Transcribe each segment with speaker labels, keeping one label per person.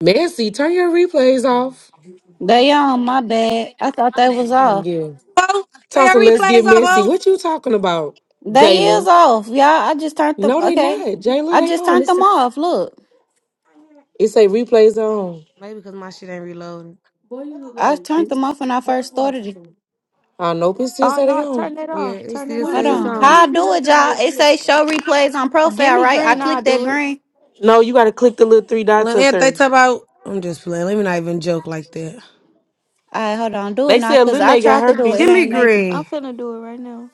Speaker 1: Messy, turn your replays off.
Speaker 2: They on my bad. I thought they was off.
Speaker 1: Yeah.
Speaker 3: Oh, are
Speaker 1: Tonsil,
Speaker 3: your
Speaker 1: let's get
Speaker 3: replays off,
Speaker 1: messy.
Speaker 3: oh?
Speaker 1: What you talking about,
Speaker 2: They is
Speaker 1: Jayla?
Speaker 2: off, y'all. I just turned them.
Speaker 1: No, they
Speaker 2: Okay,
Speaker 1: not. Jayla,
Speaker 2: I
Speaker 1: they
Speaker 2: just
Speaker 1: on.
Speaker 2: turned
Speaker 1: It's
Speaker 2: them
Speaker 1: a,
Speaker 2: off. Look,
Speaker 1: it say replays on.
Speaker 3: Maybe because my shit ain't reloading.
Speaker 2: I turned them off when I first started it.
Speaker 1: I nope, it still
Speaker 4: Oh
Speaker 1: say they
Speaker 4: no,
Speaker 1: on.
Speaker 4: turn it
Speaker 3: Yeah,
Speaker 4: off.
Speaker 3: it
Speaker 4: Turn it
Speaker 3: still
Speaker 4: off.
Speaker 2: Hold
Speaker 3: says
Speaker 4: Turn it
Speaker 2: on,
Speaker 4: off.
Speaker 3: song.
Speaker 2: how I do it, y'all? It say show replays on
Speaker 4: Give
Speaker 2: profile,
Speaker 4: me
Speaker 2: right? I
Speaker 4: green, I'll
Speaker 2: click that
Speaker 4: do it.
Speaker 2: green.
Speaker 1: No, you gotta click the little three dots
Speaker 3: Look,
Speaker 1: up
Speaker 3: if they
Speaker 1: there.
Speaker 3: talk about, I'm just playing. Let me not even joke like that.
Speaker 2: All right, hold on, do it
Speaker 1: They
Speaker 2: now,
Speaker 1: said
Speaker 2: cause
Speaker 1: Lil
Speaker 2: I
Speaker 1: Lene got
Speaker 2: tried to do it. It
Speaker 3: Give
Speaker 1: herpes.
Speaker 3: me
Speaker 2: ain't making.
Speaker 4: I'm
Speaker 3: green.
Speaker 4: finna do it right now.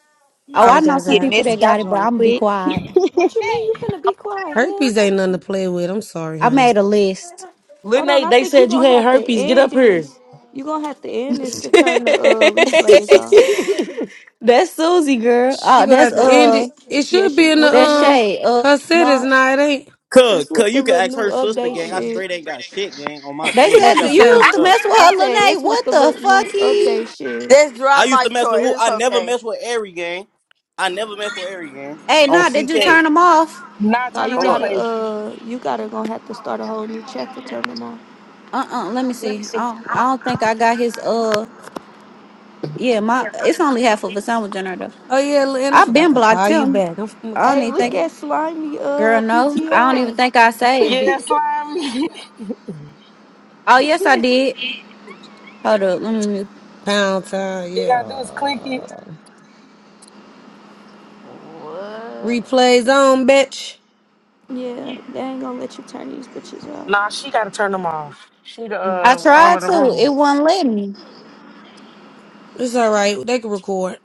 Speaker 2: Oh, I
Speaker 3: Take
Speaker 2: know
Speaker 5: let's
Speaker 3: that
Speaker 2: some
Speaker 5: get
Speaker 3: out.
Speaker 2: people
Speaker 5: messy.
Speaker 2: that
Speaker 5: Y'all
Speaker 2: got it, but
Speaker 5: join
Speaker 2: I'm gonna be
Speaker 5: quick.
Speaker 2: quiet.
Speaker 4: What you mean you finna be quiet? Hell
Speaker 3: Herpes ain't nothing to
Speaker 4: no.
Speaker 3: play with. I'm sorry,
Speaker 2: I
Speaker 3: honey.
Speaker 2: made a list.
Speaker 1: Lil
Speaker 4: Hold on,
Speaker 1: Lene,
Speaker 4: I
Speaker 1: they
Speaker 4: think you
Speaker 1: said you
Speaker 4: gonna
Speaker 1: had
Speaker 4: have to
Speaker 1: herpes. Get
Speaker 4: end
Speaker 1: up here.
Speaker 4: this. you gonna have to end this to turn the uh replays off.
Speaker 2: that's Susie, girl.
Speaker 3: She
Speaker 2: Oh,
Speaker 3: gonna
Speaker 2: that's
Speaker 3: have to end
Speaker 2: uh,
Speaker 3: it. It
Speaker 4: Yeah,
Speaker 3: should be
Speaker 4: she
Speaker 3: in the
Speaker 4: with the
Speaker 2: that's
Speaker 4: new
Speaker 3: um
Speaker 2: Shay. Uh,
Speaker 3: her cities
Speaker 4: no,
Speaker 3: now. It ain't
Speaker 6: Cuz,
Speaker 4: it's
Speaker 6: cuz,
Speaker 4: with the
Speaker 6: you can
Speaker 4: little
Speaker 6: ask
Speaker 4: new
Speaker 6: her sister,
Speaker 4: update
Speaker 6: gang. I
Speaker 4: shit.
Speaker 6: straight ain't got shit, gang, on my
Speaker 2: They
Speaker 6: green.
Speaker 2: said
Speaker 6: She
Speaker 3: what
Speaker 2: you
Speaker 3: you
Speaker 6: got me
Speaker 3: say.
Speaker 2: used
Speaker 6: fucked
Speaker 2: to
Speaker 6: up.
Speaker 2: mess with
Speaker 4: I
Speaker 2: her,
Speaker 4: said
Speaker 2: Lene.
Speaker 4: it's with
Speaker 2: What
Speaker 4: the
Speaker 2: the
Speaker 4: little new
Speaker 2: fucky?
Speaker 4: update shit.
Speaker 7: Just
Speaker 6: I
Speaker 7: drop
Speaker 6: used
Speaker 7: my
Speaker 6: to mess with
Speaker 7: choice.
Speaker 6: who?
Speaker 7: It's
Speaker 6: I never
Speaker 7: okay.
Speaker 6: mess with Airy, gang. I never mess with Airy, gang.
Speaker 2: Hey,
Speaker 6: On
Speaker 2: nah, did you
Speaker 1: Hey,
Speaker 6: CK.
Speaker 2: turn him off?
Speaker 1: nah,
Speaker 4: No,
Speaker 1: turn the
Speaker 4: you
Speaker 6: Hold up.
Speaker 4: gotta
Speaker 1: replays.
Speaker 4: uh you gotta gonna have to start a whole new chat to turn them off.
Speaker 2: Uh uh Let me see. I don't, I don't think I got his. Uh, yeah, my it's only half of a sandwich generator.
Speaker 3: Oh yeah, and I
Speaker 2: I've
Speaker 3: forgot
Speaker 2: been
Speaker 3: to
Speaker 2: blocked
Speaker 3: call you
Speaker 2: him.
Speaker 3: back. I'm gonna
Speaker 2: I
Speaker 3: call
Speaker 2: don't
Speaker 4: Hey,
Speaker 2: even
Speaker 3: you
Speaker 4: look
Speaker 3: back.
Speaker 2: think,
Speaker 4: at slimy
Speaker 2: girl.
Speaker 4: uh
Speaker 2: No, I don't even
Speaker 4: PTR.
Speaker 2: think I
Speaker 1: But
Speaker 2: saved it.
Speaker 1: yeah, slime. you
Speaker 2: Oh yes, I did. Hold up, let me mute.
Speaker 3: Pound time, yeah.
Speaker 1: gotta do is click it.
Speaker 7: What?
Speaker 3: Replays on, bitch.
Speaker 4: Yeah, they ain't gonna let you turn these bitches out.
Speaker 1: nah, she gotta turn them off. She the
Speaker 2: I
Speaker 1: uh owner
Speaker 2: tried
Speaker 1: of the
Speaker 2: to. It
Speaker 1: room.
Speaker 2: wouldn't let me.
Speaker 3: It's all right. They can record,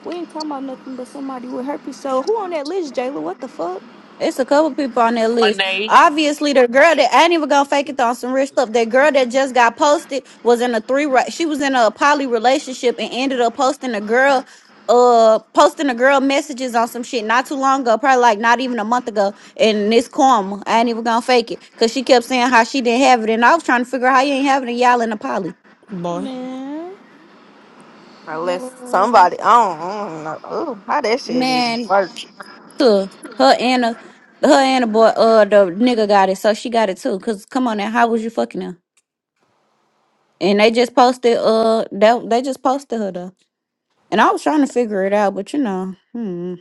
Speaker 4: We ain't talking about nothing but somebody with herpes. So who on that list, Jayla? What the fuck,
Speaker 2: It's a couple people on that list.
Speaker 1: Lene.
Speaker 2: Obviously, the girl that I ain't even gonna fake it on some rich stuff. That girl that just got posted was in a three. re- She was in a poly relationship and ended up posting a girl, uh, posting a girl messages on some shit not too long ago, probably like not even a month ago. And this karma, I ain't even gonna fake it, cause she kept saying how she didn't have it, and I was trying to figure out how you ain't having it. and Y'all in a poly,
Speaker 3: boy.
Speaker 4: man?
Speaker 7: Unless
Speaker 4: What?
Speaker 7: somebody, I don't, I don't know. Ooh, how that shit even
Speaker 2: man.
Speaker 7: work?
Speaker 2: To her and a, her and a boy, uh, the nigga got it, so she got it too. Cause come on now, how was you fucking her? And they just posted uh that they just posted her though. And I was trying to figure it out, but you know, hmm.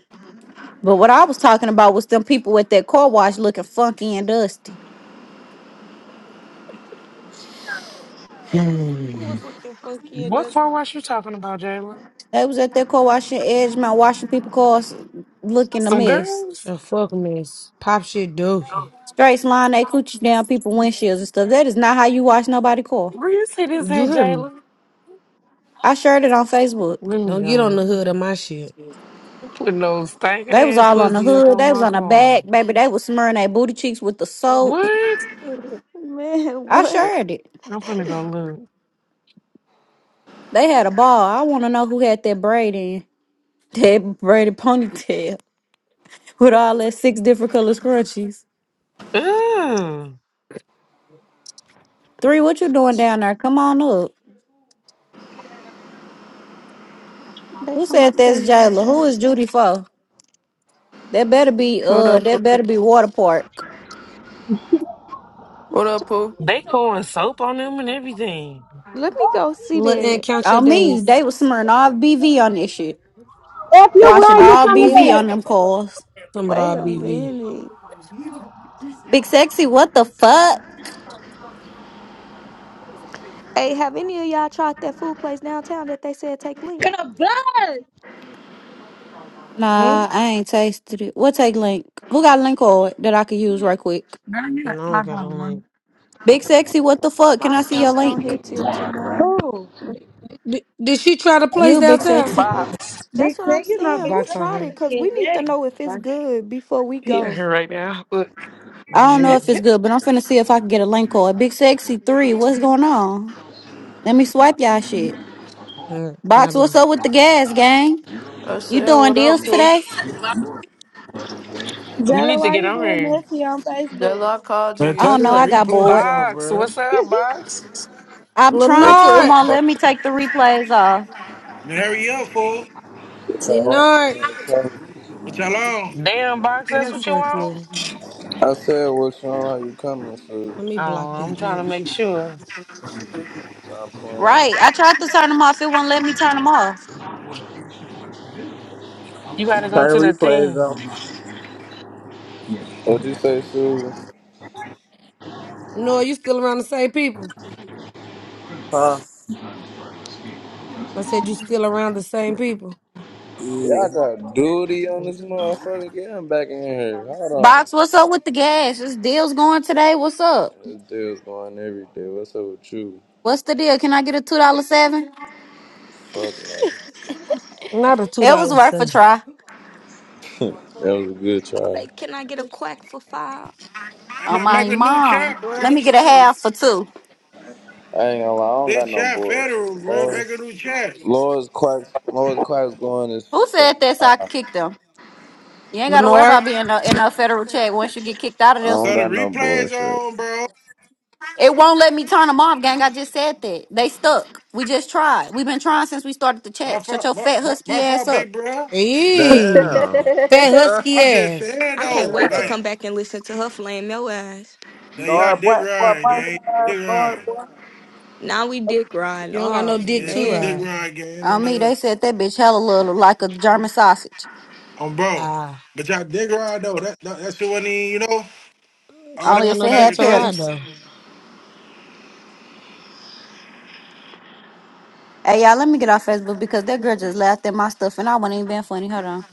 Speaker 2: But what I was talking about was them people at that car wash looking funky and dusty.
Speaker 4: Who was looking funky and
Speaker 1: What
Speaker 4: dusty?
Speaker 1: car wash you talking about, Jalen?
Speaker 2: They was at that car wash in Edgemont washing people cars looking a
Speaker 1: Some
Speaker 2: mess.
Speaker 1: girls?
Speaker 3: The fuck, miss. Pop shit dookie.
Speaker 2: Straight line they coochie down people windshields and stuff. That is not how you wash nobody car.
Speaker 1: Where you see this
Speaker 3: You
Speaker 1: at,
Speaker 3: hear me?
Speaker 1: Jalen?
Speaker 2: I shared it on Facebook.
Speaker 1: Let me
Speaker 3: Don't get on
Speaker 1: go.
Speaker 3: the hood of my shit.
Speaker 1: I'm putting those stinking
Speaker 2: They was
Speaker 1: ass
Speaker 2: all on the
Speaker 1: pussy up
Speaker 2: hood.
Speaker 1: on
Speaker 2: They was
Speaker 1: my
Speaker 2: on the
Speaker 1: car.
Speaker 2: back, baby. They was smearing their booty cheeks with the soap.
Speaker 1: What?
Speaker 3: Look
Speaker 4: Man,
Speaker 2: I
Speaker 4: what?
Speaker 2: shared it.
Speaker 1: I'm finna go
Speaker 2: They had a ball. I want to know who had that braid in. That braided ponytail with all that six different color scrunchies.
Speaker 1: look. Ugh.
Speaker 2: Three, what you doing down there? Come on up.
Speaker 4: They
Speaker 2: Who
Speaker 4: talking
Speaker 2: said
Speaker 4: about
Speaker 2: that's
Speaker 4: that
Speaker 2: Jayla? Who
Speaker 4: Jayla.
Speaker 2: is Judy for? That better be
Speaker 8: What
Speaker 2: uh
Speaker 8: up, Pooh?
Speaker 2: that better be water park.
Speaker 8: What up, Pooh?
Speaker 1: They pouring soap on them and everything.
Speaker 4: Let me go see
Speaker 3: and
Speaker 4: that.
Speaker 3: count your
Speaker 2: On me,
Speaker 3: days.
Speaker 2: they was smearing all BV on this shit.
Speaker 5: If you
Speaker 2: Washing
Speaker 5: run, you
Speaker 2: all
Speaker 5: coming
Speaker 2: BV
Speaker 5: back.
Speaker 3: Ooh,
Speaker 2: on them cars.
Speaker 4: Wait
Speaker 3: somebody
Speaker 4: a
Speaker 3: BV.
Speaker 4: minute.
Speaker 2: Big sexy, what the fuck?
Speaker 4: Hey, have any of y'all tried that food place downtown that they said take link?
Speaker 9: gonna blood.
Speaker 3: Hmm?
Speaker 4: No,
Speaker 2: Nah, I ain't tasted it. What take link? Who got a link card that I could use right quick?
Speaker 3: No, I don't got a link.
Speaker 2: Big sexy, what the fuck? Can
Speaker 4: my
Speaker 2: I see your
Speaker 4: stamps don't
Speaker 2: link?
Speaker 4: hit till tomorrow.
Speaker 9: Who?
Speaker 3: Did, did she try to place
Speaker 2: You big
Speaker 3: downtown?
Speaker 2: sexy.
Speaker 1: Box.
Speaker 9: Big
Speaker 4: That's what I'm
Speaker 9: Sex? You know
Speaker 4: saying.
Speaker 9: Big
Speaker 4: Who
Speaker 1: Box
Speaker 9: Sex
Speaker 1: on
Speaker 4: tried it?
Speaker 9: is
Speaker 1: her.
Speaker 9: a
Speaker 4: Cause we
Speaker 9: kid.
Speaker 4: need to
Speaker 9: Dang.
Speaker 4: know if it's good before we
Speaker 1: He on
Speaker 4: go.
Speaker 1: her right now. Look.
Speaker 2: I don't
Speaker 1: you
Speaker 2: know
Speaker 3: Mm-hmm.
Speaker 2: if it's good, but I'm finna see if I can get a link or Big Sexy 3, what's going on? Let me swipe y'all shit.
Speaker 3: Mm, I
Speaker 2: Box, what's
Speaker 3: believe-
Speaker 2: up with the gas, gang?
Speaker 8: I
Speaker 2: You
Speaker 8: said,
Speaker 2: doing
Speaker 8: what
Speaker 2: deals
Speaker 8: up, Pooh?
Speaker 2: today?
Speaker 9: Jella,
Speaker 1: need to
Speaker 9: why
Speaker 1: get
Speaker 9: you
Speaker 1: on
Speaker 9: being
Speaker 1: her.
Speaker 9: messy on Facebook?
Speaker 8: Jayla I called you
Speaker 10: Man,
Speaker 2: I
Speaker 10: turn
Speaker 2: don't know.
Speaker 10: your
Speaker 2: I
Speaker 8: yesterday.
Speaker 2: got bored.
Speaker 10: replays on,
Speaker 1: Box.
Speaker 10: bro.
Speaker 1: What's up,
Speaker 9: who,
Speaker 1: Box?
Speaker 2: I'm trying
Speaker 11: What
Speaker 2: to. It
Speaker 11: y'all
Speaker 3: Leonard!
Speaker 2: won't
Speaker 11: on?
Speaker 2: let me take the replays off.
Speaker 10: Man, hurry up, fool.
Speaker 11: What y'all on? How
Speaker 3: Leonard!
Speaker 11: you coming?
Speaker 10: What y'all on?
Speaker 1: Damn, Box, that's
Speaker 3: Oh,
Speaker 1: what you
Speaker 3: fuck
Speaker 1: want?
Speaker 3: you.
Speaker 11: I said, what y'all on? How you coming, Susan?
Speaker 3: Let me
Speaker 1: Oh,
Speaker 3: block this
Speaker 1: I'm trying to
Speaker 3: bitch.
Speaker 1: make sure.
Speaker 11: Stop playing. with
Speaker 2: Right.
Speaker 11: me.
Speaker 2: I tried to turn them off. It won't let me turn them off.
Speaker 1: You gotta go to
Speaker 12: Turn
Speaker 1: the
Speaker 12: the replays
Speaker 1: thing.
Speaker 12: on.
Speaker 11: What'd you say, Susan?
Speaker 3: No, you still around the same people?
Speaker 12: Huh?
Speaker 3: I said you still around the same people.
Speaker 11: Yeah,
Speaker 12: Yeah.
Speaker 11: I got duty on this motherfucker. Get him back in here. Hold on.
Speaker 2: Box, what's up with the gas? Is deal's going today. What's up?
Speaker 11: This deal's going every day. What's up with you?
Speaker 2: What's the deal? Can I get a $2.7?
Speaker 11: Fuck no.
Speaker 3: Not a $2
Speaker 2: It was worth a
Speaker 3: thing.
Speaker 2: try.
Speaker 11: That was a good try.
Speaker 4: Say, can I get a quack for five?
Speaker 10: I
Speaker 2: Oh,
Speaker 10: mean,
Speaker 2: my
Speaker 10: make a new
Speaker 2: mom.
Speaker 10: chat,
Speaker 2: Let me
Speaker 10: bro.
Speaker 2: get a half for two.
Speaker 11: I ain't gonna lie, I don't
Speaker 10: This
Speaker 11: got no
Speaker 10: chat federal,
Speaker 11: bullshit.
Speaker 10: bro. Make a
Speaker 11: Laura's,
Speaker 10: new chat.
Speaker 11: Laura's Clark's, Laura's Clark's going is
Speaker 2: Who said that so
Speaker 11: 35.
Speaker 2: I could
Speaker 11: I
Speaker 2: kick them? You ain't got to worry
Speaker 3: Leonard.
Speaker 2: about being no, in no federal check once you get kicked out of this
Speaker 11: don't
Speaker 10: So
Speaker 2: one.
Speaker 10: the
Speaker 11: got no
Speaker 10: replays
Speaker 11: bullshit.
Speaker 10: on, bro.
Speaker 2: It won't let me turn them off, gang. I just said that. They stuck. We just tried. We've been trying since we started the
Speaker 10: My
Speaker 2: chat. Shut
Speaker 10: fault,
Speaker 2: your
Speaker 10: my,
Speaker 2: fat
Speaker 10: my,
Speaker 2: husky
Speaker 10: my
Speaker 2: ass
Speaker 10: fault,
Speaker 2: up.
Speaker 10: big bro.
Speaker 3: Hey,
Speaker 11: Damn.
Speaker 3: fat husky
Speaker 10: I'm just
Speaker 3: ass.
Speaker 10: saying,
Speaker 4: I can't
Speaker 10: though.
Speaker 4: wait to
Speaker 11: damn.
Speaker 10: Like,
Speaker 4: come back and listen to her flame your ass.
Speaker 10: that y'all
Speaker 12: Lord, boy,
Speaker 10: dick
Speaker 12: boy,
Speaker 10: riding,
Speaker 12: boy,
Speaker 10: gang.
Speaker 12: boy,
Speaker 10: Dick riding.
Speaker 12: Lord, boy.
Speaker 4: Now we dick riding.
Speaker 3: You don't got no
Speaker 4: Oh
Speaker 3: dick
Speaker 10: Yeah,
Speaker 3: to
Speaker 10: she
Speaker 4: man.
Speaker 10: dick
Speaker 3: ride.
Speaker 10: riding, gang. I
Speaker 2: On me,
Speaker 10: know.
Speaker 2: they said that bitch hella little, like a German sausage.
Speaker 10: On bro.
Speaker 3: Ah,
Speaker 10: But y'all dick riding, though. That, that, that shit wasn't even, you know, all
Speaker 3: she
Speaker 10: that
Speaker 3: don't
Speaker 2: Only
Speaker 3: got
Speaker 2: if
Speaker 3: no
Speaker 2: it
Speaker 10: bag
Speaker 3: dick
Speaker 2: had
Speaker 10: of
Speaker 3: to ride
Speaker 10: chips.
Speaker 2: petals.
Speaker 3: though.
Speaker 2: Hey, y'all, let me get off Facebook because that girl just laughed at my stuff and I wasn't even being funny. Hold on.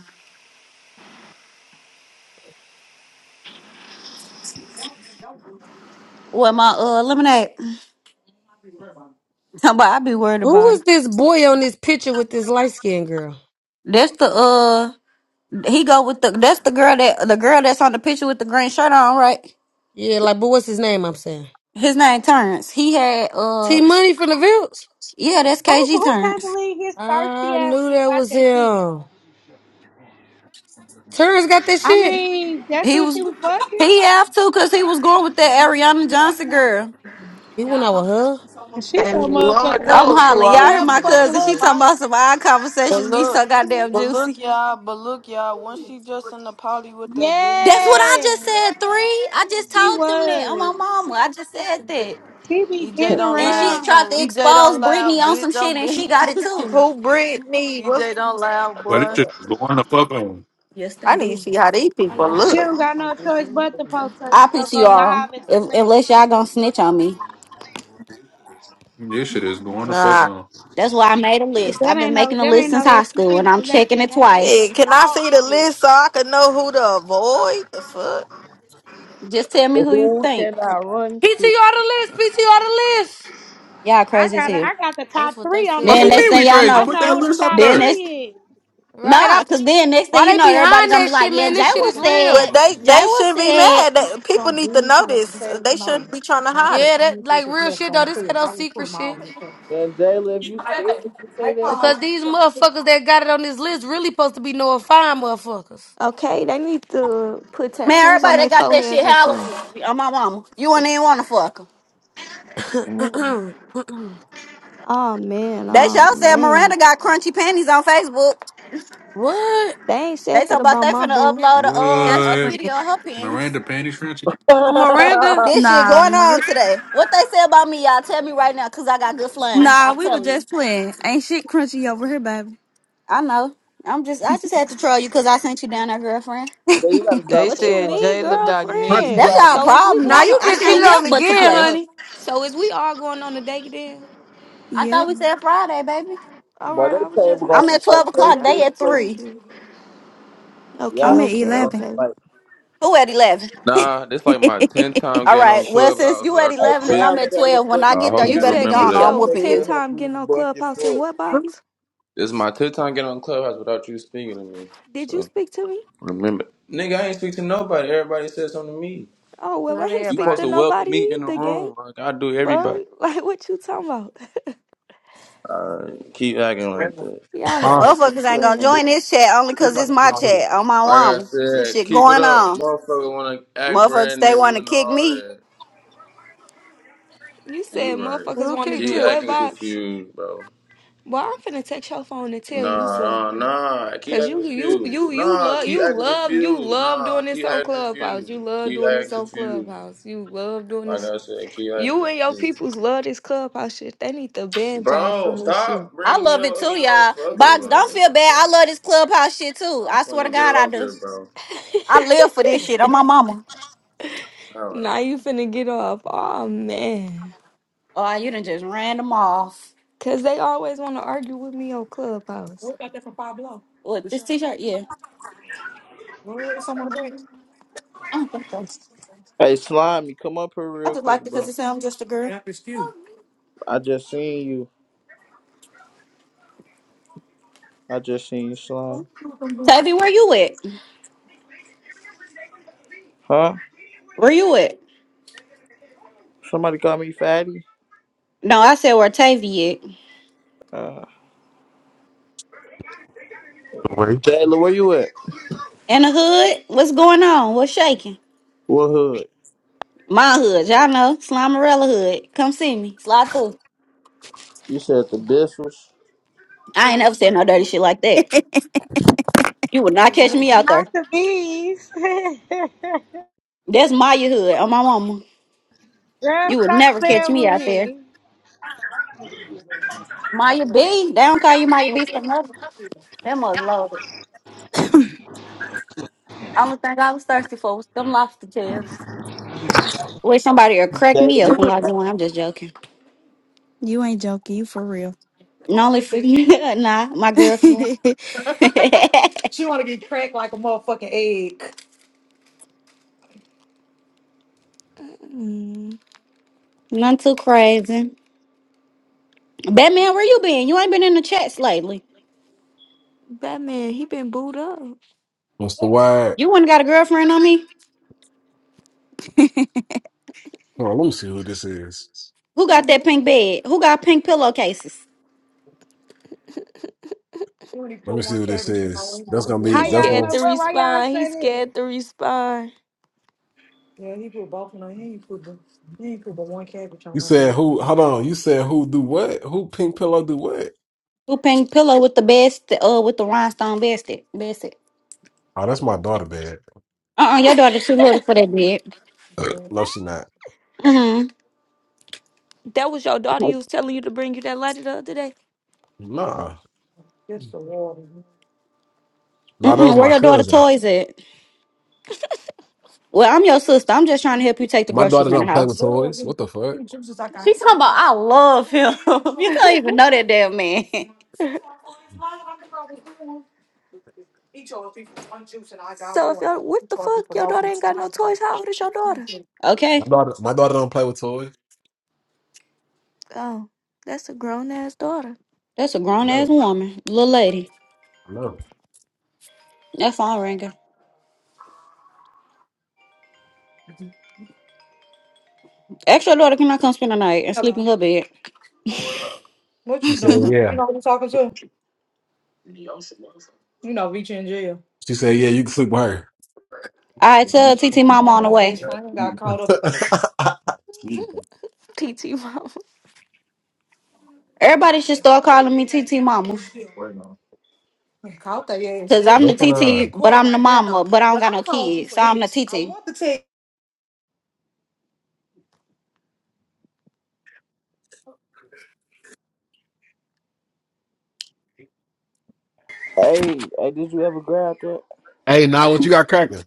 Speaker 2: What, my uh, lemonade? But I be worried
Speaker 3: Who
Speaker 2: about it.
Speaker 3: is this boy on this picture with this light skinned girl?
Speaker 2: That's the, uh, he go with the, that's the girl that, the girl that's on the picture with the green shirt on, right?
Speaker 3: Yeah, like, but what's his name? I'm saying
Speaker 2: His name Terrence. He had uh
Speaker 3: T Money from the Vilts.
Speaker 2: yeah, that's KG
Speaker 9: who can't
Speaker 2: Terrence.
Speaker 9: believe his thirsty
Speaker 3: I
Speaker 9: ass
Speaker 3: knew
Speaker 9: ain't
Speaker 3: that
Speaker 9: got
Speaker 3: was
Speaker 9: that shit?
Speaker 3: him. Terrence got that
Speaker 9: I
Speaker 3: shit.
Speaker 9: mean, that's
Speaker 2: He
Speaker 9: who
Speaker 2: was
Speaker 9: she was fucking.
Speaker 2: he have to cause he was going with that Ariana Johnson girl.
Speaker 3: He went out with her.
Speaker 9: And She so
Speaker 7: And
Speaker 9: motherfucking
Speaker 7: Lord
Speaker 2: I'm
Speaker 9: ugly.
Speaker 7: knows who
Speaker 2: hollering. Y'all
Speaker 7: all
Speaker 2: hear
Speaker 7: he
Speaker 9: Whoever
Speaker 2: my
Speaker 7: getting
Speaker 9: fucking
Speaker 7: with.
Speaker 2: cousin.
Speaker 9: her
Speaker 2: She
Speaker 7: me.
Speaker 2: talking
Speaker 9: boss.
Speaker 2: about some of our
Speaker 8: But
Speaker 2: conversations be
Speaker 8: look,
Speaker 2: so goddamn
Speaker 8: but look,
Speaker 2: juicy.
Speaker 8: y'all, but look, y'all, once she just in the poly with that Britney
Speaker 2: That's what
Speaker 8: girl,
Speaker 2: I just
Speaker 9: Yeah,
Speaker 2: said, three. I just
Speaker 9: she
Speaker 2: told them that on
Speaker 9: was.
Speaker 2: my mama. I just said that.
Speaker 9: She be
Speaker 8: EJ
Speaker 9: getting
Speaker 8: don't
Speaker 2: And
Speaker 8: laugh.
Speaker 2: she tried to
Speaker 9: around.
Speaker 8: EJ
Speaker 2: expose
Speaker 8: don't laugh,
Speaker 2: Brittany on
Speaker 8: bitch.
Speaker 2: some shit
Speaker 8: Don't
Speaker 2: and
Speaker 8: be.
Speaker 2: she got it too.
Speaker 7: Who Britney? What's?
Speaker 8: EJ don't laugh,
Speaker 13: But this
Speaker 8: boy.
Speaker 13: shit is going to fuck on.
Speaker 2: Yes, they
Speaker 7: I need to
Speaker 2: do.
Speaker 7: see how these
Speaker 2: I
Speaker 7: people
Speaker 2: like
Speaker 9: She
Speaker 2: that.
Speaker 7: look.
Speaker 9: don't got no choice but to post her
Speaker 2: I
Speaker 9: shit or go
Speaker 2: PTR 'em,
Speaker 9: live at the
Speaker 2: if,
Speaker 9: clinic.
Speaker 2: unless y'all gonna snitch on me.
Speaker 13: This shit is going to fuck
Speaker 7: Nah.
Speaker 13: on.
Speaker 2: That's why I made a
Speaker 9: Cause
Speaker 2: list.
Speaker 9: That
Speaker 2: I've
Speaker 9: ain't
Speaker 2: been
Speaker 9: no
Speaker 2: making a
Speaker 9: that
Speaker 2: list
Speaker 9: ain't no
Speaker 2: since high
Speaker 9: STD,
Speaker 2: school, and
Speaker 9: baby.
Speaker 2: I'm
Speaker 9: That's
Speaker 2: checking
Speaker 9: that
Speaker 2: it
Speaker 9: that- that's that
Speaker 2: twice.
Speaker 7: Hey, can I
Speaker 9: dog
Speaker 7: see the
Speaker 9: shit.
Speaker 7: list so I can know who to avoid? The fuck.
Speaker 2: Just tell me who you
Speaker 12: Who
Speaker 2: think.
Speaker 12: can I
Speaker 3: PTR
Speaker 12: run to?
Speaker 3: the list. PTR the list.
Speaker 2: Y'all
Speaker 9: I
Speaker 2: crazy as
Speaker 9: got
Speaker 2: hell.
Speaker 9: I got the
Speaker 3: That's
Speaker 9: top
Speaker 3: what they
Speaker 9: three on the
Speaker 13: What
Speaker 3: said,
Speaker 2: Then
Speaker 13: do you
Speaker 3: baby.
Speaker 2: next
Speaker 9: list.
Speaker 13: mean
Speaker 2: thing
Speaker 13: we
Speaker 2: y'all
Speaker 13: crazy?
Speaker 9: I
Speaker 2: know,
Speaker 13: Put
Speaker 9: know
Speaker 13: that
Speaker 9: who the
Speaker 13: list up
Speaker 9: top
Speaker 2: then
Speaker 13: there.
Speaker 2: next
Speaker 9: three is.
Speaker 3: Right
Speaker 2: nah,
Speaker 3: up.
Speaker 2: cause then next thing
Speaker 3: Why
Speaker 2: you
Speaker 3: they
Speaker 2: know, everybody
Speaker 3: behind
Speaker 2: gonna be
Speaker 3: that
Speaker 2: like,
Speaker 3: shit,
Speaker 2: yeah,
Speaker 3: man?
Speaker 2: Jay
Speaker 3: This shit
Speaker 2: was
Speaker 3: is
Speaker 7: Well,
Speaker 3: real.
Speaker 2: said,
Speaker 7: they
Speaker 2: Jay
Speaker 7: they
Speaker 2: was
Speaker 7: shouldn't be
Speaker 2: said.
Speaker 7: mad. They, people need to know this. They shouldn't be trying to hide it.
Speaker 3: Yeah, that like real shit though. This ain't no secret shit.
Speaker 12: Man, Jalen, if you scared to say that,
Speaker 3: Because these motherfuckers that got it on this list really supposed to be Noah Fine motherfuckers.
Speaker 4: Okay, they need to put
Speaker 2: Man,
Speaker 4: tattoos on
Speaker 2: everybody that
Speaker 4: their
Speaker 2: got that
Speaker 4: foreheads
Speaker 2: shit
Speaker 4: or something.
Speaker 2: hollering. I'm my mama. You wouldn't even wanna fuck her.
Speaker 4: Mm. Oh man,
Speaker 2: They
Speaker 4: oh
Speaker 2: sure said Miranda
Speaker 4: man.
Speaker 2: got crunchy panties on Facebook.
Speaker 3: what?
Speaker 4: They ain't
Speaker 2: They
Speaker 4: said
Speaker 2: talking
Speaker 4: that
Speaker 2: about
Speaker 4: about
Speaker 2: they
Speaker 4: my
Speaker 2: finna
Speaker 4: boo.
Speaker 2: upload a
Speaker 14: Just
Speaker 2: uh, a
Speaker 13: What?
Speaker 2: video
Speaker 14: playing.
Speaker 2: of her panties.
Speaker 13: Miranda panty shrimp?
Speaker 12: yeah,
Speaker 3: Miranda?
Speaker 2: This shit
Speaker 14: Nah,
Speaker 2: going on
Speaker 14: Marie.
Speaker 2: today. What they say about me, y'all tell me right now, cause I got good flames.
Speaker 14: Nah,
Speaker 2: I'm
Speaker 14: we were
Speaker 2: telling you.
Speaker 14: just playing. Ain't shit crunchy over here, baby.
Speaker 2: I know. I'm just I just had to troll you cause I sent you down there, girlfriend.
Speaker 12: you gotta
Speaker 8: They
Speaker 12: stop
Speaker 4: What you
Speaker 12: playing
Speaker 8: said
Speaker 12: like
Speaker 4: mean,
Speaker 12: that.
Speaker 8: Jayla got
Speaker 15: Not
Speaker 8: neat.
Speaker 15: you
Speaker 2: That's
Speaker 4: girlfriend?
Speaker 15: dogs
Speaker 2: our
Speaker 4: So is we
Speaker 2: problem.
Speaker 3: Now
Speaker 2: I
Speaker 4: going
Speaker 3: you
Speaker 4: to
Speaker 2: I
Speaker 3: get
Speaker 4: so
Speaker 2: can't
Speaker 3: shitted
Speaker 4: we
Speaker 3: on
Speaker 2: help but to
Speaker 3: again,
Speaker 4: hold
Speaker 2: play.
Speaker 4: up.
Speaker 3: honey.
Speaker 4: So is we all going on a date then?
Speaker 2: I thought
Speaker 14: Yep,
Speaker 2: we said Friday, baby.
Speaker 4: All
Speaker 12: Boy,
Speaker 4: right, I
Speaker 12: that
Speaker 4: was just
Speaker 12: table gonna
Speaker 2: I'm
Speaker 4: making
Speaker 2: at
Speaker 12: smell like
Speaker 2: twelve
Speaker 4: sure because
Speaker 12: straight
Speaker 2: o'clock. They
Speaker 4: y'all
Speaker 12: fish
Speaker 2: at
Speaker 12: plate.
Speaker 2: three.
Speaker 4: tweaking.
Speaker 12: Yeah,
Speaker 4: Okay,
Speaker 14: I'm at
Speaker 4: okay,
Speaker 12: gonna
Speaker 14: eleven.
Speaker 4: okay.
Speaker 12: smell like.
Speaker 2: Who at eleven?
Speaker 11: Nah, this like my tenth time
Speaker 2: All
Speaker 11: getting on
Speaker 2: right. Well, since
Speaker 11: Clubhouse
Speaker 2: you at
Speaker 11: without you
Speaker 12: Hey,
Speaker 2: eleven and I'm
Speaker 12: Dalvin,
Speaker 11: speaking.
Speaker 2: at
Speaker 12: hella
Speaker 2: twelve, when
Speaker 11: So
Speaker 2: I
Speaker 12: funny.
Speaker 11: I
Speaker 2: get
Speaker 12: Hey,
Speaker 2: there,
Speaker 11: hope
Speaker 2: you
Speaker 4: You
Speaker 11: you
Speaker 2: better
Speaker 12: Dalvin,
Speaker 2: be
Speaker 4: said
Speaker 11: remember
Speaker 12: you
Speaker 2: gone
Speaker 12: say
Speaker 4: this
Speaker 2: or
Speaker 11: that.
Speaker 2: I'm
Speaker 4: your
Speaker 12: something that
Speaker 2: whooping
Speaker 4: 10th
Speaker 12: girl,
Speaker 2: you.
Speaker 12: her
Speaker 4: time
Speaker 12: booth
Speaker 4: getting on
Speaker 12: bucket
Speaker 4: Clubhouse in
Speaker 12: fuck.
Speaker 4: what box?
Speaker 11: This is my tenth time getting on Clubhouse without you speaking to me.
Speaker 4: Did you
Speaker 11: So
Speaker 4: speak to me?
Speaker 11: remember, nigga, I ain't speak to nobody. Everybody said something to me.
Speaker 4: Oh, well, I
Speaker 3: Not
Speaker 4: ain't
Speaker 11: You
Speaker 4: speak
Speaker 11: supposed
Speaker 4: to
Speaker 11: to
Speaker 3: everybody.
Speaker 11: welcome
Speaker 4: nobody
Speaker 11: me in the
Speaker 4: either, gang.
Speaker 11: room like I do
Speaker 4: Fuck.
Speaker 11: everybody.
Speaker 4: Like, what you talking about?
Speaker 11: Alright, keep acting like
Speaker 15: out.
Speaker 11: that.
Speaker 4: Y'all
Speaker 15: Huh?
Speaker 4: ass be
Speaker 2: Motherfuckers ain't gonna
Speaker 4: playing.
Speaker 2: join this chat only cause it's my chat on my
Speaker 11: Like I
Speaker 2: mama. This
Speaker 11: said,
Speaker 2: shit
Speaker 11: keep it
Speaker 2: going
Speaker 11: up,
Speaker 2: on.
Speaker 11: motherfucker. Want to act
Speaker 2: Motherfuckers
Speaker 11: brand
Speaker 2: they
Speaker 11: new
Speaker 2: wanna
Speaker 11: and
Speaker 2: kick
Speaker 11: all
Speaker 2: me.
Speaker 11: that.
Speaker 4: You
Speaker 11: You
Speaker 4: said
Speaker 11: right.
Speaker 4: motherfuckers
Speaker 3: Who
Speaker 4: want to
Speaker 3: kicked
Speaker 4: do
Speaker 11: Keep
Speaker 3: you?
Speaker 4: what
Speaker 11: acting
Speaker 4: box?
Speaker 11: confused, bro.
Speaker 4: Boy, I'm finna text your phone and tell you
Speaker 11: Nah,
Speaker 4: so.
Speaker 11: nah, nah. Keep
Speaker 4: Cause
Speaker 11: acting
Speaker 4: you, you,
Speaker 11: confused.
Speaker 4: you, you
Speaker 11: Nah,
Speaker 4: love,
Speaker 11: keep
Speaker 4: you
Speaker 11: acting
Speaker 4: love, you
Speaker 11: confused.
Speaker 4: love
Speaker 11: Nah,
Speaker 4: doing this
Speaker 11: keep
Speaker 4: on
Speaker 11: acting
Speaker 4: Clubhouse.
Speaker 11: confused.
Speaker 4: You love
Speaker 11: Keep
Speaker 4: doing
Speaker 11: acting
Speaker 4: this on
Speaker 11: confused.
Speaker 4: Clubhouse. You love doing
Speaker 11: Like
Speaker 4: this.
Speaker 11: I said, keep
Speaker 4: You
Speaker 11: acting
Speaker 4: and your
Speaker 11: confused.
Speaker 4: peoples love this Clubhouse shit. They need to ban y'all
Speaker 11: Bro,
Speaker 4: from this shit.
Speaker 11: stop
Speaker 2: I
Speaker 11: bringing me
Speaker 2: love
Speaker 11: up
Speaker 2: it
Speaker 11: with other
Speaker 2: too, y'all.
Speaker 11: motherfuckers.
Speaker 2: Box, don't
Speaker 11: Like, what
Speaker 2: feel
Speaker 11: the
Speaker 2: bad.
Speaker 11: fuck?
Speaker 2: I love this clubhouse shit too.
Speaker 11: I'm
Speaker 2: I swear to
Speaker 11: finna get
Speaker 2: God, I
Speaker 11: off
Speaker 2: do.
Speaker 11: here, bro.
Speaker 2: I live for this shit. I'm my mama.
Speaker 11: I don't
Speaker 4: Now
Speaker 11: know.
Speaker 4: you finna get off. Oh man.
Speaker 2: Oh, you done just ran them off.
Speaker 4: Cause they always wanna argue with me on Clubhouse.
Speaker 2: What, this t-shirt? Yeah. I don't think so.
Speaker 12: Hey, Slimy, come up here
Speaker 2: I
Speaker 12: real
Speaker 2: just
Speaker 12: quick,
Speaker 2: liked it because
Speaker 12: bro.
Speaker 2: it said I'm just a girl.
Speaker 12: I just seen you. I just seen you, Slime.
Speaker 2: Tavy, where you at?
Speaker 12: Huh?
Speaker 2: Where you at?
Speaker 12: Somebody call me fatty.
Speaker 2: No, I said where Tavy at.
Speaker 12: Uh,
Speaker 16: away
Speaker 12: Jayla, where you at?
Speaker 2: In the hood? What's going on? What's shaking?
Speaker 12: what hood?
Speaker 2: My hood, y'all know. Slimerella hood. Come see me. Slide through.
Speaker 12: You said the business.
Speaker 2: I ain't never said no dirty shit like that. You would not catch me out
Speaker 9: Not
Speaker 2: there.
Speaker 9: the bees.
Speaker 2: That's my hood on my mama.
Speaker 9: Girl,
Speaker 2: You would
Speaker 9: stop
Speaker 2: never catch
Speaker 9: playing
Speaker 2: me
Speaker 9: with
Speaker 2: out there.
Speaker 9: me.
Speaker 2: Maya B. They don't call you Maya B for nothing. That was loaded. Only thing I was thirsty for was them lobster tails. Wish somebody would crack me open
Speaker 12: Jayla.
Speaker 2: like the one. I'm just joking.
Speaker 14: you ain't joking. You for real.
Speaker 2: No, only for nah, my girlfriend.
Speaker 4: Mm,
Speaker 2: None too crazy. Batman, where you been? You ain't been in the chats lately.
Speaker 4: Batman, he been booed up.
Speaker 15: What's the word?
Speaker 2: You ain't got a girlfriend on me?
Speaker 15: Hold on, let me see who this is.
Speaker 2: Who got that
Speaker 4: Mhm.
Speaker 2: pink bed? Who got pink pillowcases?
Speaker 15: Let me see who this is. That's gonna be.
Speaker 4: He
Speaker 9: How
Speaker 15: That's
Speaker 9: y'all
Speaker 4: scared
Speaker 15: gonna.
Speaker 9: know?
Speaker 4: to
Speaker 9: Well, why y'all
Speaker 4: respond. He
Speaker 9: say that?
Speaker 4: scared to respond.
Speaker 15: You said who? Hold on. You said who do what? Who pink pillow do what?
Speaker 2: Who pink pillow with the best? Uh, with the rhinestone bestie? Bestie.
Speaker 15: Oh, that's my daughter bed.
Speaker 2: Uh, uh your daughter too little for that bed.
Speaker 15: No, she not.
Speaker 2: Mm-hmm.
Speaker 4: That was your daughter you was telling you to bring you that lighter the other day.
Speaker 15: Nah, nah, that
Speaker 2: Mm-mm,
Speaker 15: was
Speaker 2: where
Speaker 15: my
Speaker 2: your daughter
Speaker 15: cousin.
Speaker 2: toys at? Well, I'm your sister. I'm just trying to help you take the
Speaker 15: My
Speaker 2: groceries
Speaker 15: daughter
Speaker 2: in the
Speaker 15: don't play
Speaker 2: house.
Speaker 15: with
Speaker 2: She
Speaker 15: toys. What the fuck?
Speaker 2: talking about I love him. you don't even know that damn man.
Speaker 4: so if y'all what the fuck? Your daughter ain't got no toys. How old is your daughter?
Speaker 15: My
Speaker 2: Okay,
Speaker 15: daughter, my daughter don't play with toys.
Speaker 4: Oh, that's a grown ass daughter.
Speaker 2: that's a
Speaker 15: I
Speaker 2: grown ass
Speaker 15: know.
Speaker 2: woman, little lady.
Speaker 15: I know.
Speaker 2: That's all, Ranga. Extra daughter cannot come spend the night and sleep in her bed.
Speaker 15: She said, "Yeah." She said, "Yeah, you can sleep with her."
Speaker 2: I tell TT Mama on the way.
Speaker 4: PT mom.
Speaker 2: Everybody should start calling me TT Mama. Cause I'm the
Speaker 15: Look at
Speaker 2: TT,
Speaker 15: her.
Speaker 2: but I'm the mama, but I don't got no kids, so I'm the TT.
Speaker 12: Hey, hey, did you ever grab that?
Speaker 15: Hey, now what you got cracking?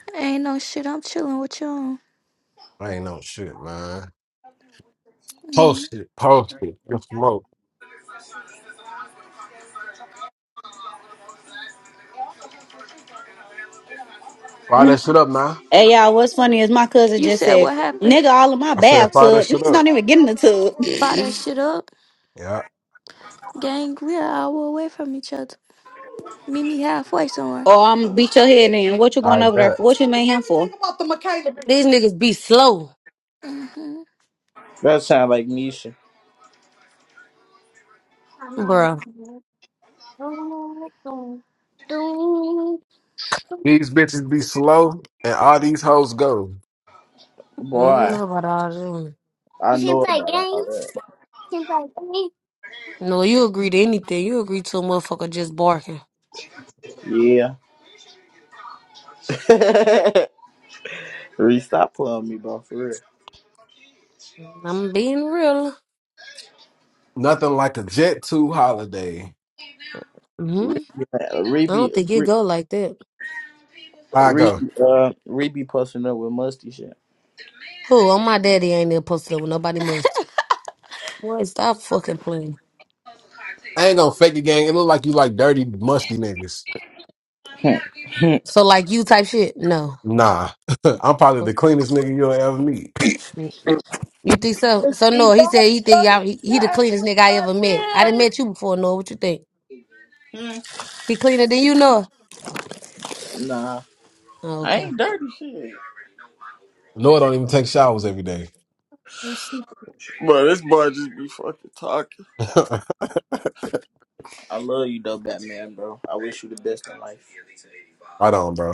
Speaker 4: ain't no shit. I'm chilling with y'all.
Speaker 15: I ain't no shit, man.
Speaker 4: Mhm.
Speaker 15: Post it, post it, and smoke. Fire that shit up, man.
Speaker 2: Hey y'all, what's funny is my cousin
Speaker 4: You
Speaker 2: just
Speaker 4: said
Speaker 2: said,
Speaker 4: what happened?
Speaker 2: "Nigga, all of my
Speaker 15: I said,
Speaker 2: bath
Speaker 15: fire that
Speaker 2: tub
Speaker 15: shit
Speaker 2: niggas
Speaker 15: up.
Speaker 2: don't even get in the tub."
Speaker 4: Buy that shit up.
Speaker 15: Yeah,
Speaker 4: Gang, we are hour away from each other. Meet me halfway somewhere.
Speaker 2: Or I'm beat your head in. What you going
Speaker 15: I
Speaker 2: over there
Speaker 15: bet.
Speaker 2: for? What you made him for?
Speaker 3: These niggas be slow,
Speaker 4: hmm
Speaker 12: That sound like Nisha.
Speaker 3: bruh.
Speaker 15: These bitches be slow, and all these hoes go.
Speaker 3: I don't
Speaker 12: Boy,
Speaker 3: know about all them.
Speaker 12: I know about all that.
Speaker 3: No, you agree to anything. You agree to a motherfucker just barking.
Speaker 12: Yeah. Reese, stop playing me, bro. For real.
Speaker 3: I'm being real.
Speaker 15: Nothing like a Jet 2 holiday.
Speaker 3: hmm I
Speaker 12: Reeby,
Speaker 3: don't think it
Speaker 12: Reeby,
Speaker 3: go like that.
Speaker 15: I go.
Speaker 12: Reeby, uh, Reeby posting up with musty shit.
Speaker 3: Who? Oh, my daddy ain't there posted up with nobody must. Boy, stop fucking playing.
Speaker 15: I ain't gonna fake it, gang. It look like you like dirty, musty niggas.
Speaker 12: Hmm.
Speaker 3: So like you type shit? No.
Speaker 15: Nah, I'm probably the cleanest nigga you'll ever meet.
Speaker 3: You think so? So no, he said he think y'all he, he the cleanest nigga I ever met. I didn't met you before, Noah. What you think?
Speaker 12: Hmm.
Speaker 3: He cleaner than you, Noah?
Speaker 12: Hmm. nah,
Speaker 3: Oh,
Speaker 12: I
Speaker 3: okay.
Speaker 12: ain't dirty shit.
Speaker 15: Lord don't even take showers every day.
Speaker 12: Bro, this boy just be fucking talking. I love you though, Batman, bro. I wish you the best in life.
Speaker 15: Right on, bro.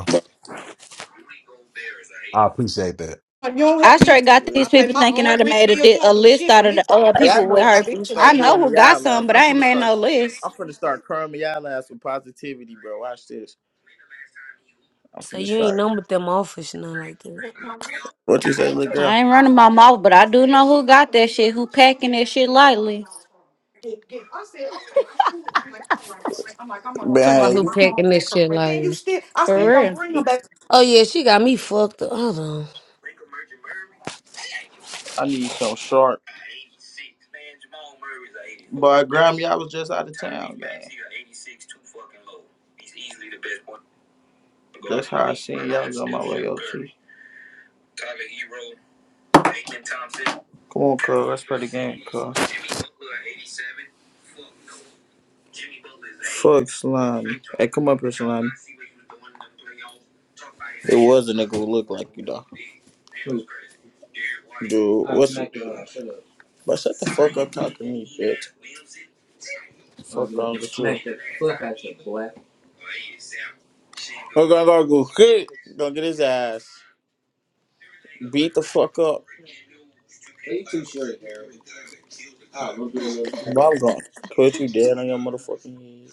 Speaker 15: I appreciate that.
Speaker 2: I straight got these people thinking I'd have made a, di- a list out of the other
Speaker 12: Hey, I
Speaker 2: people
Speaker 12: know
Speaker 2: with
Speaker 12: what I'm gonna
Speaker 2: herpes. I
Speaker 12: start
Speaker 2: know
Speaker 12: doing the
Speaker 2: who got
Speaker 12: y'all
Speaker 2: some,
Speaker 12: last.
Speaker 2: but
Speaker 12: I'm
Speaker 2: I ain't
Speaker 12: gonna
Speaker 2: made
Speaker 12: start.
Speaker 2: no list.
Speaker 12: I'm gonna start curling y'all last with positivity, bro. Watch this. I'm
Speaker 3: So
Speaker 12: finna
Speaker 3: you ain't
Speaker 12: start.
Speaker 3: known but them office, nothing like that.
Speaker 12: What you say, little girl?
Speaker 2: I ain't running my mouth, but I do know who got that shit. Who packing that shit lightly?
Speaker 3: Talking about
Speaker 12: Man,
Speaker 3: who
Speaker 12: you
Speaker 3: packing this shit like
Speaker 2: For real.
Speaker 3: Oh yeah, she got me fucked up. Hold on.
Speaker 12: I need some sharp. But I was just out of. Come on, fuck slime. Hey, come up here, slime. Was a nigga who look like you, though. Dude, but shut the fuck up talking to me, bitch. We're gonna go go hit. Gonna get his ass. Beat the fuck up. I'm gonna put you dead on your motherfucking head.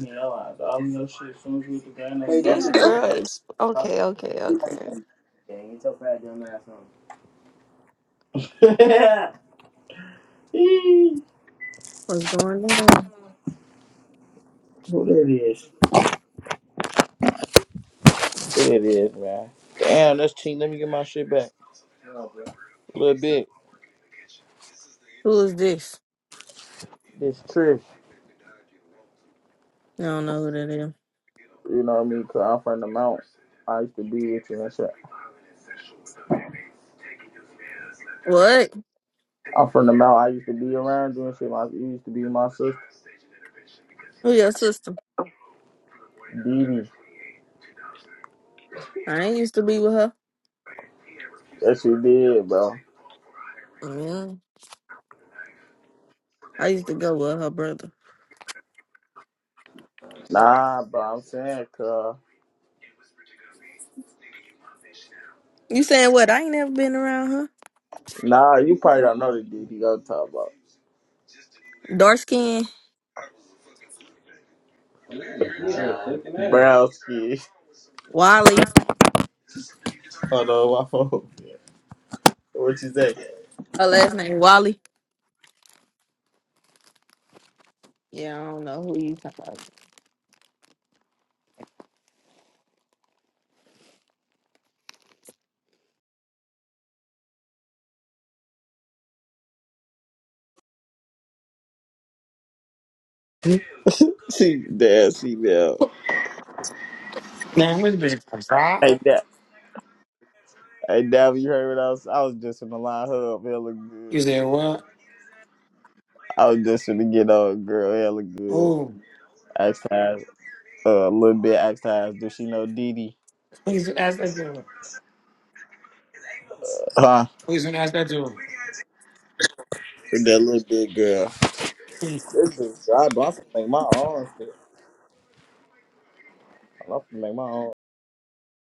Speaker 12: Yeah, I don't know shit as soon as you hit the ground.
Speaker 4: This girl is okay, okay, okay.
Speaker 7: What's going on?
Speaker 12: Who that is? Who that is, man? Damn, that's cheap. Let me get my shit back. A little bit.
Speaker 7: Who is this?
Speaker 12: This trip.
Speaker 7: I don't know who that is.
Speaker 12: You know what I mean? Cause I'm from the mount. I used to be with you and shit.
Speaker 7: What?
Speaker 12: I'm from the mount. I used to be around you and shit. My, you used to be my sister.
Speaker 7: Who your sister?
Speaker 12: Dee Dee.
Speaker 7: I ain't used to be with her.
Speaker 12: That shit did, bro.
Speaker 7: Yeah. I used to go with her brother.
Speaker 12: Nah, bro. I'm saying, cuz.
Speaker 7: You saying what? I ain't never been around her.
Speaker 12: Nah, you probably don't know the Dee Dee I'm talking about.
Speaker 7: Dark skin,
Speaker 12: Brown skin.
Speaker 7: Wally.
Speaker 12: Hold on, my phone. What you say?
Speaker 7: Her last name Wally. Yeah, I don't know who you talking about.
Speaker 12: She damn, she now.
Speaker 17: Man, this bitch can cry.
Speaker 12: Hey, now, hey, now you heard what I was. I was just in the line her up. It
Speaker 17: You
Speaker 12: good.
Speaker 17: said what?
Speaker 12: I was just gonna get on, girl. It good.
Speaker 17: Oh,
Speaker 12: Asked her uh, a little bit. Asked her, does she know Dee Dee?
Speaker 17: please don't ask that to her.
Speaker 12: Huh?
Speaker 17: Please don't ask that to
Speaker 12: That little big girl.
Speaker 17: her.
Speaker 12: This is dry, but I'm finna make my own shit. I'm finna make my own.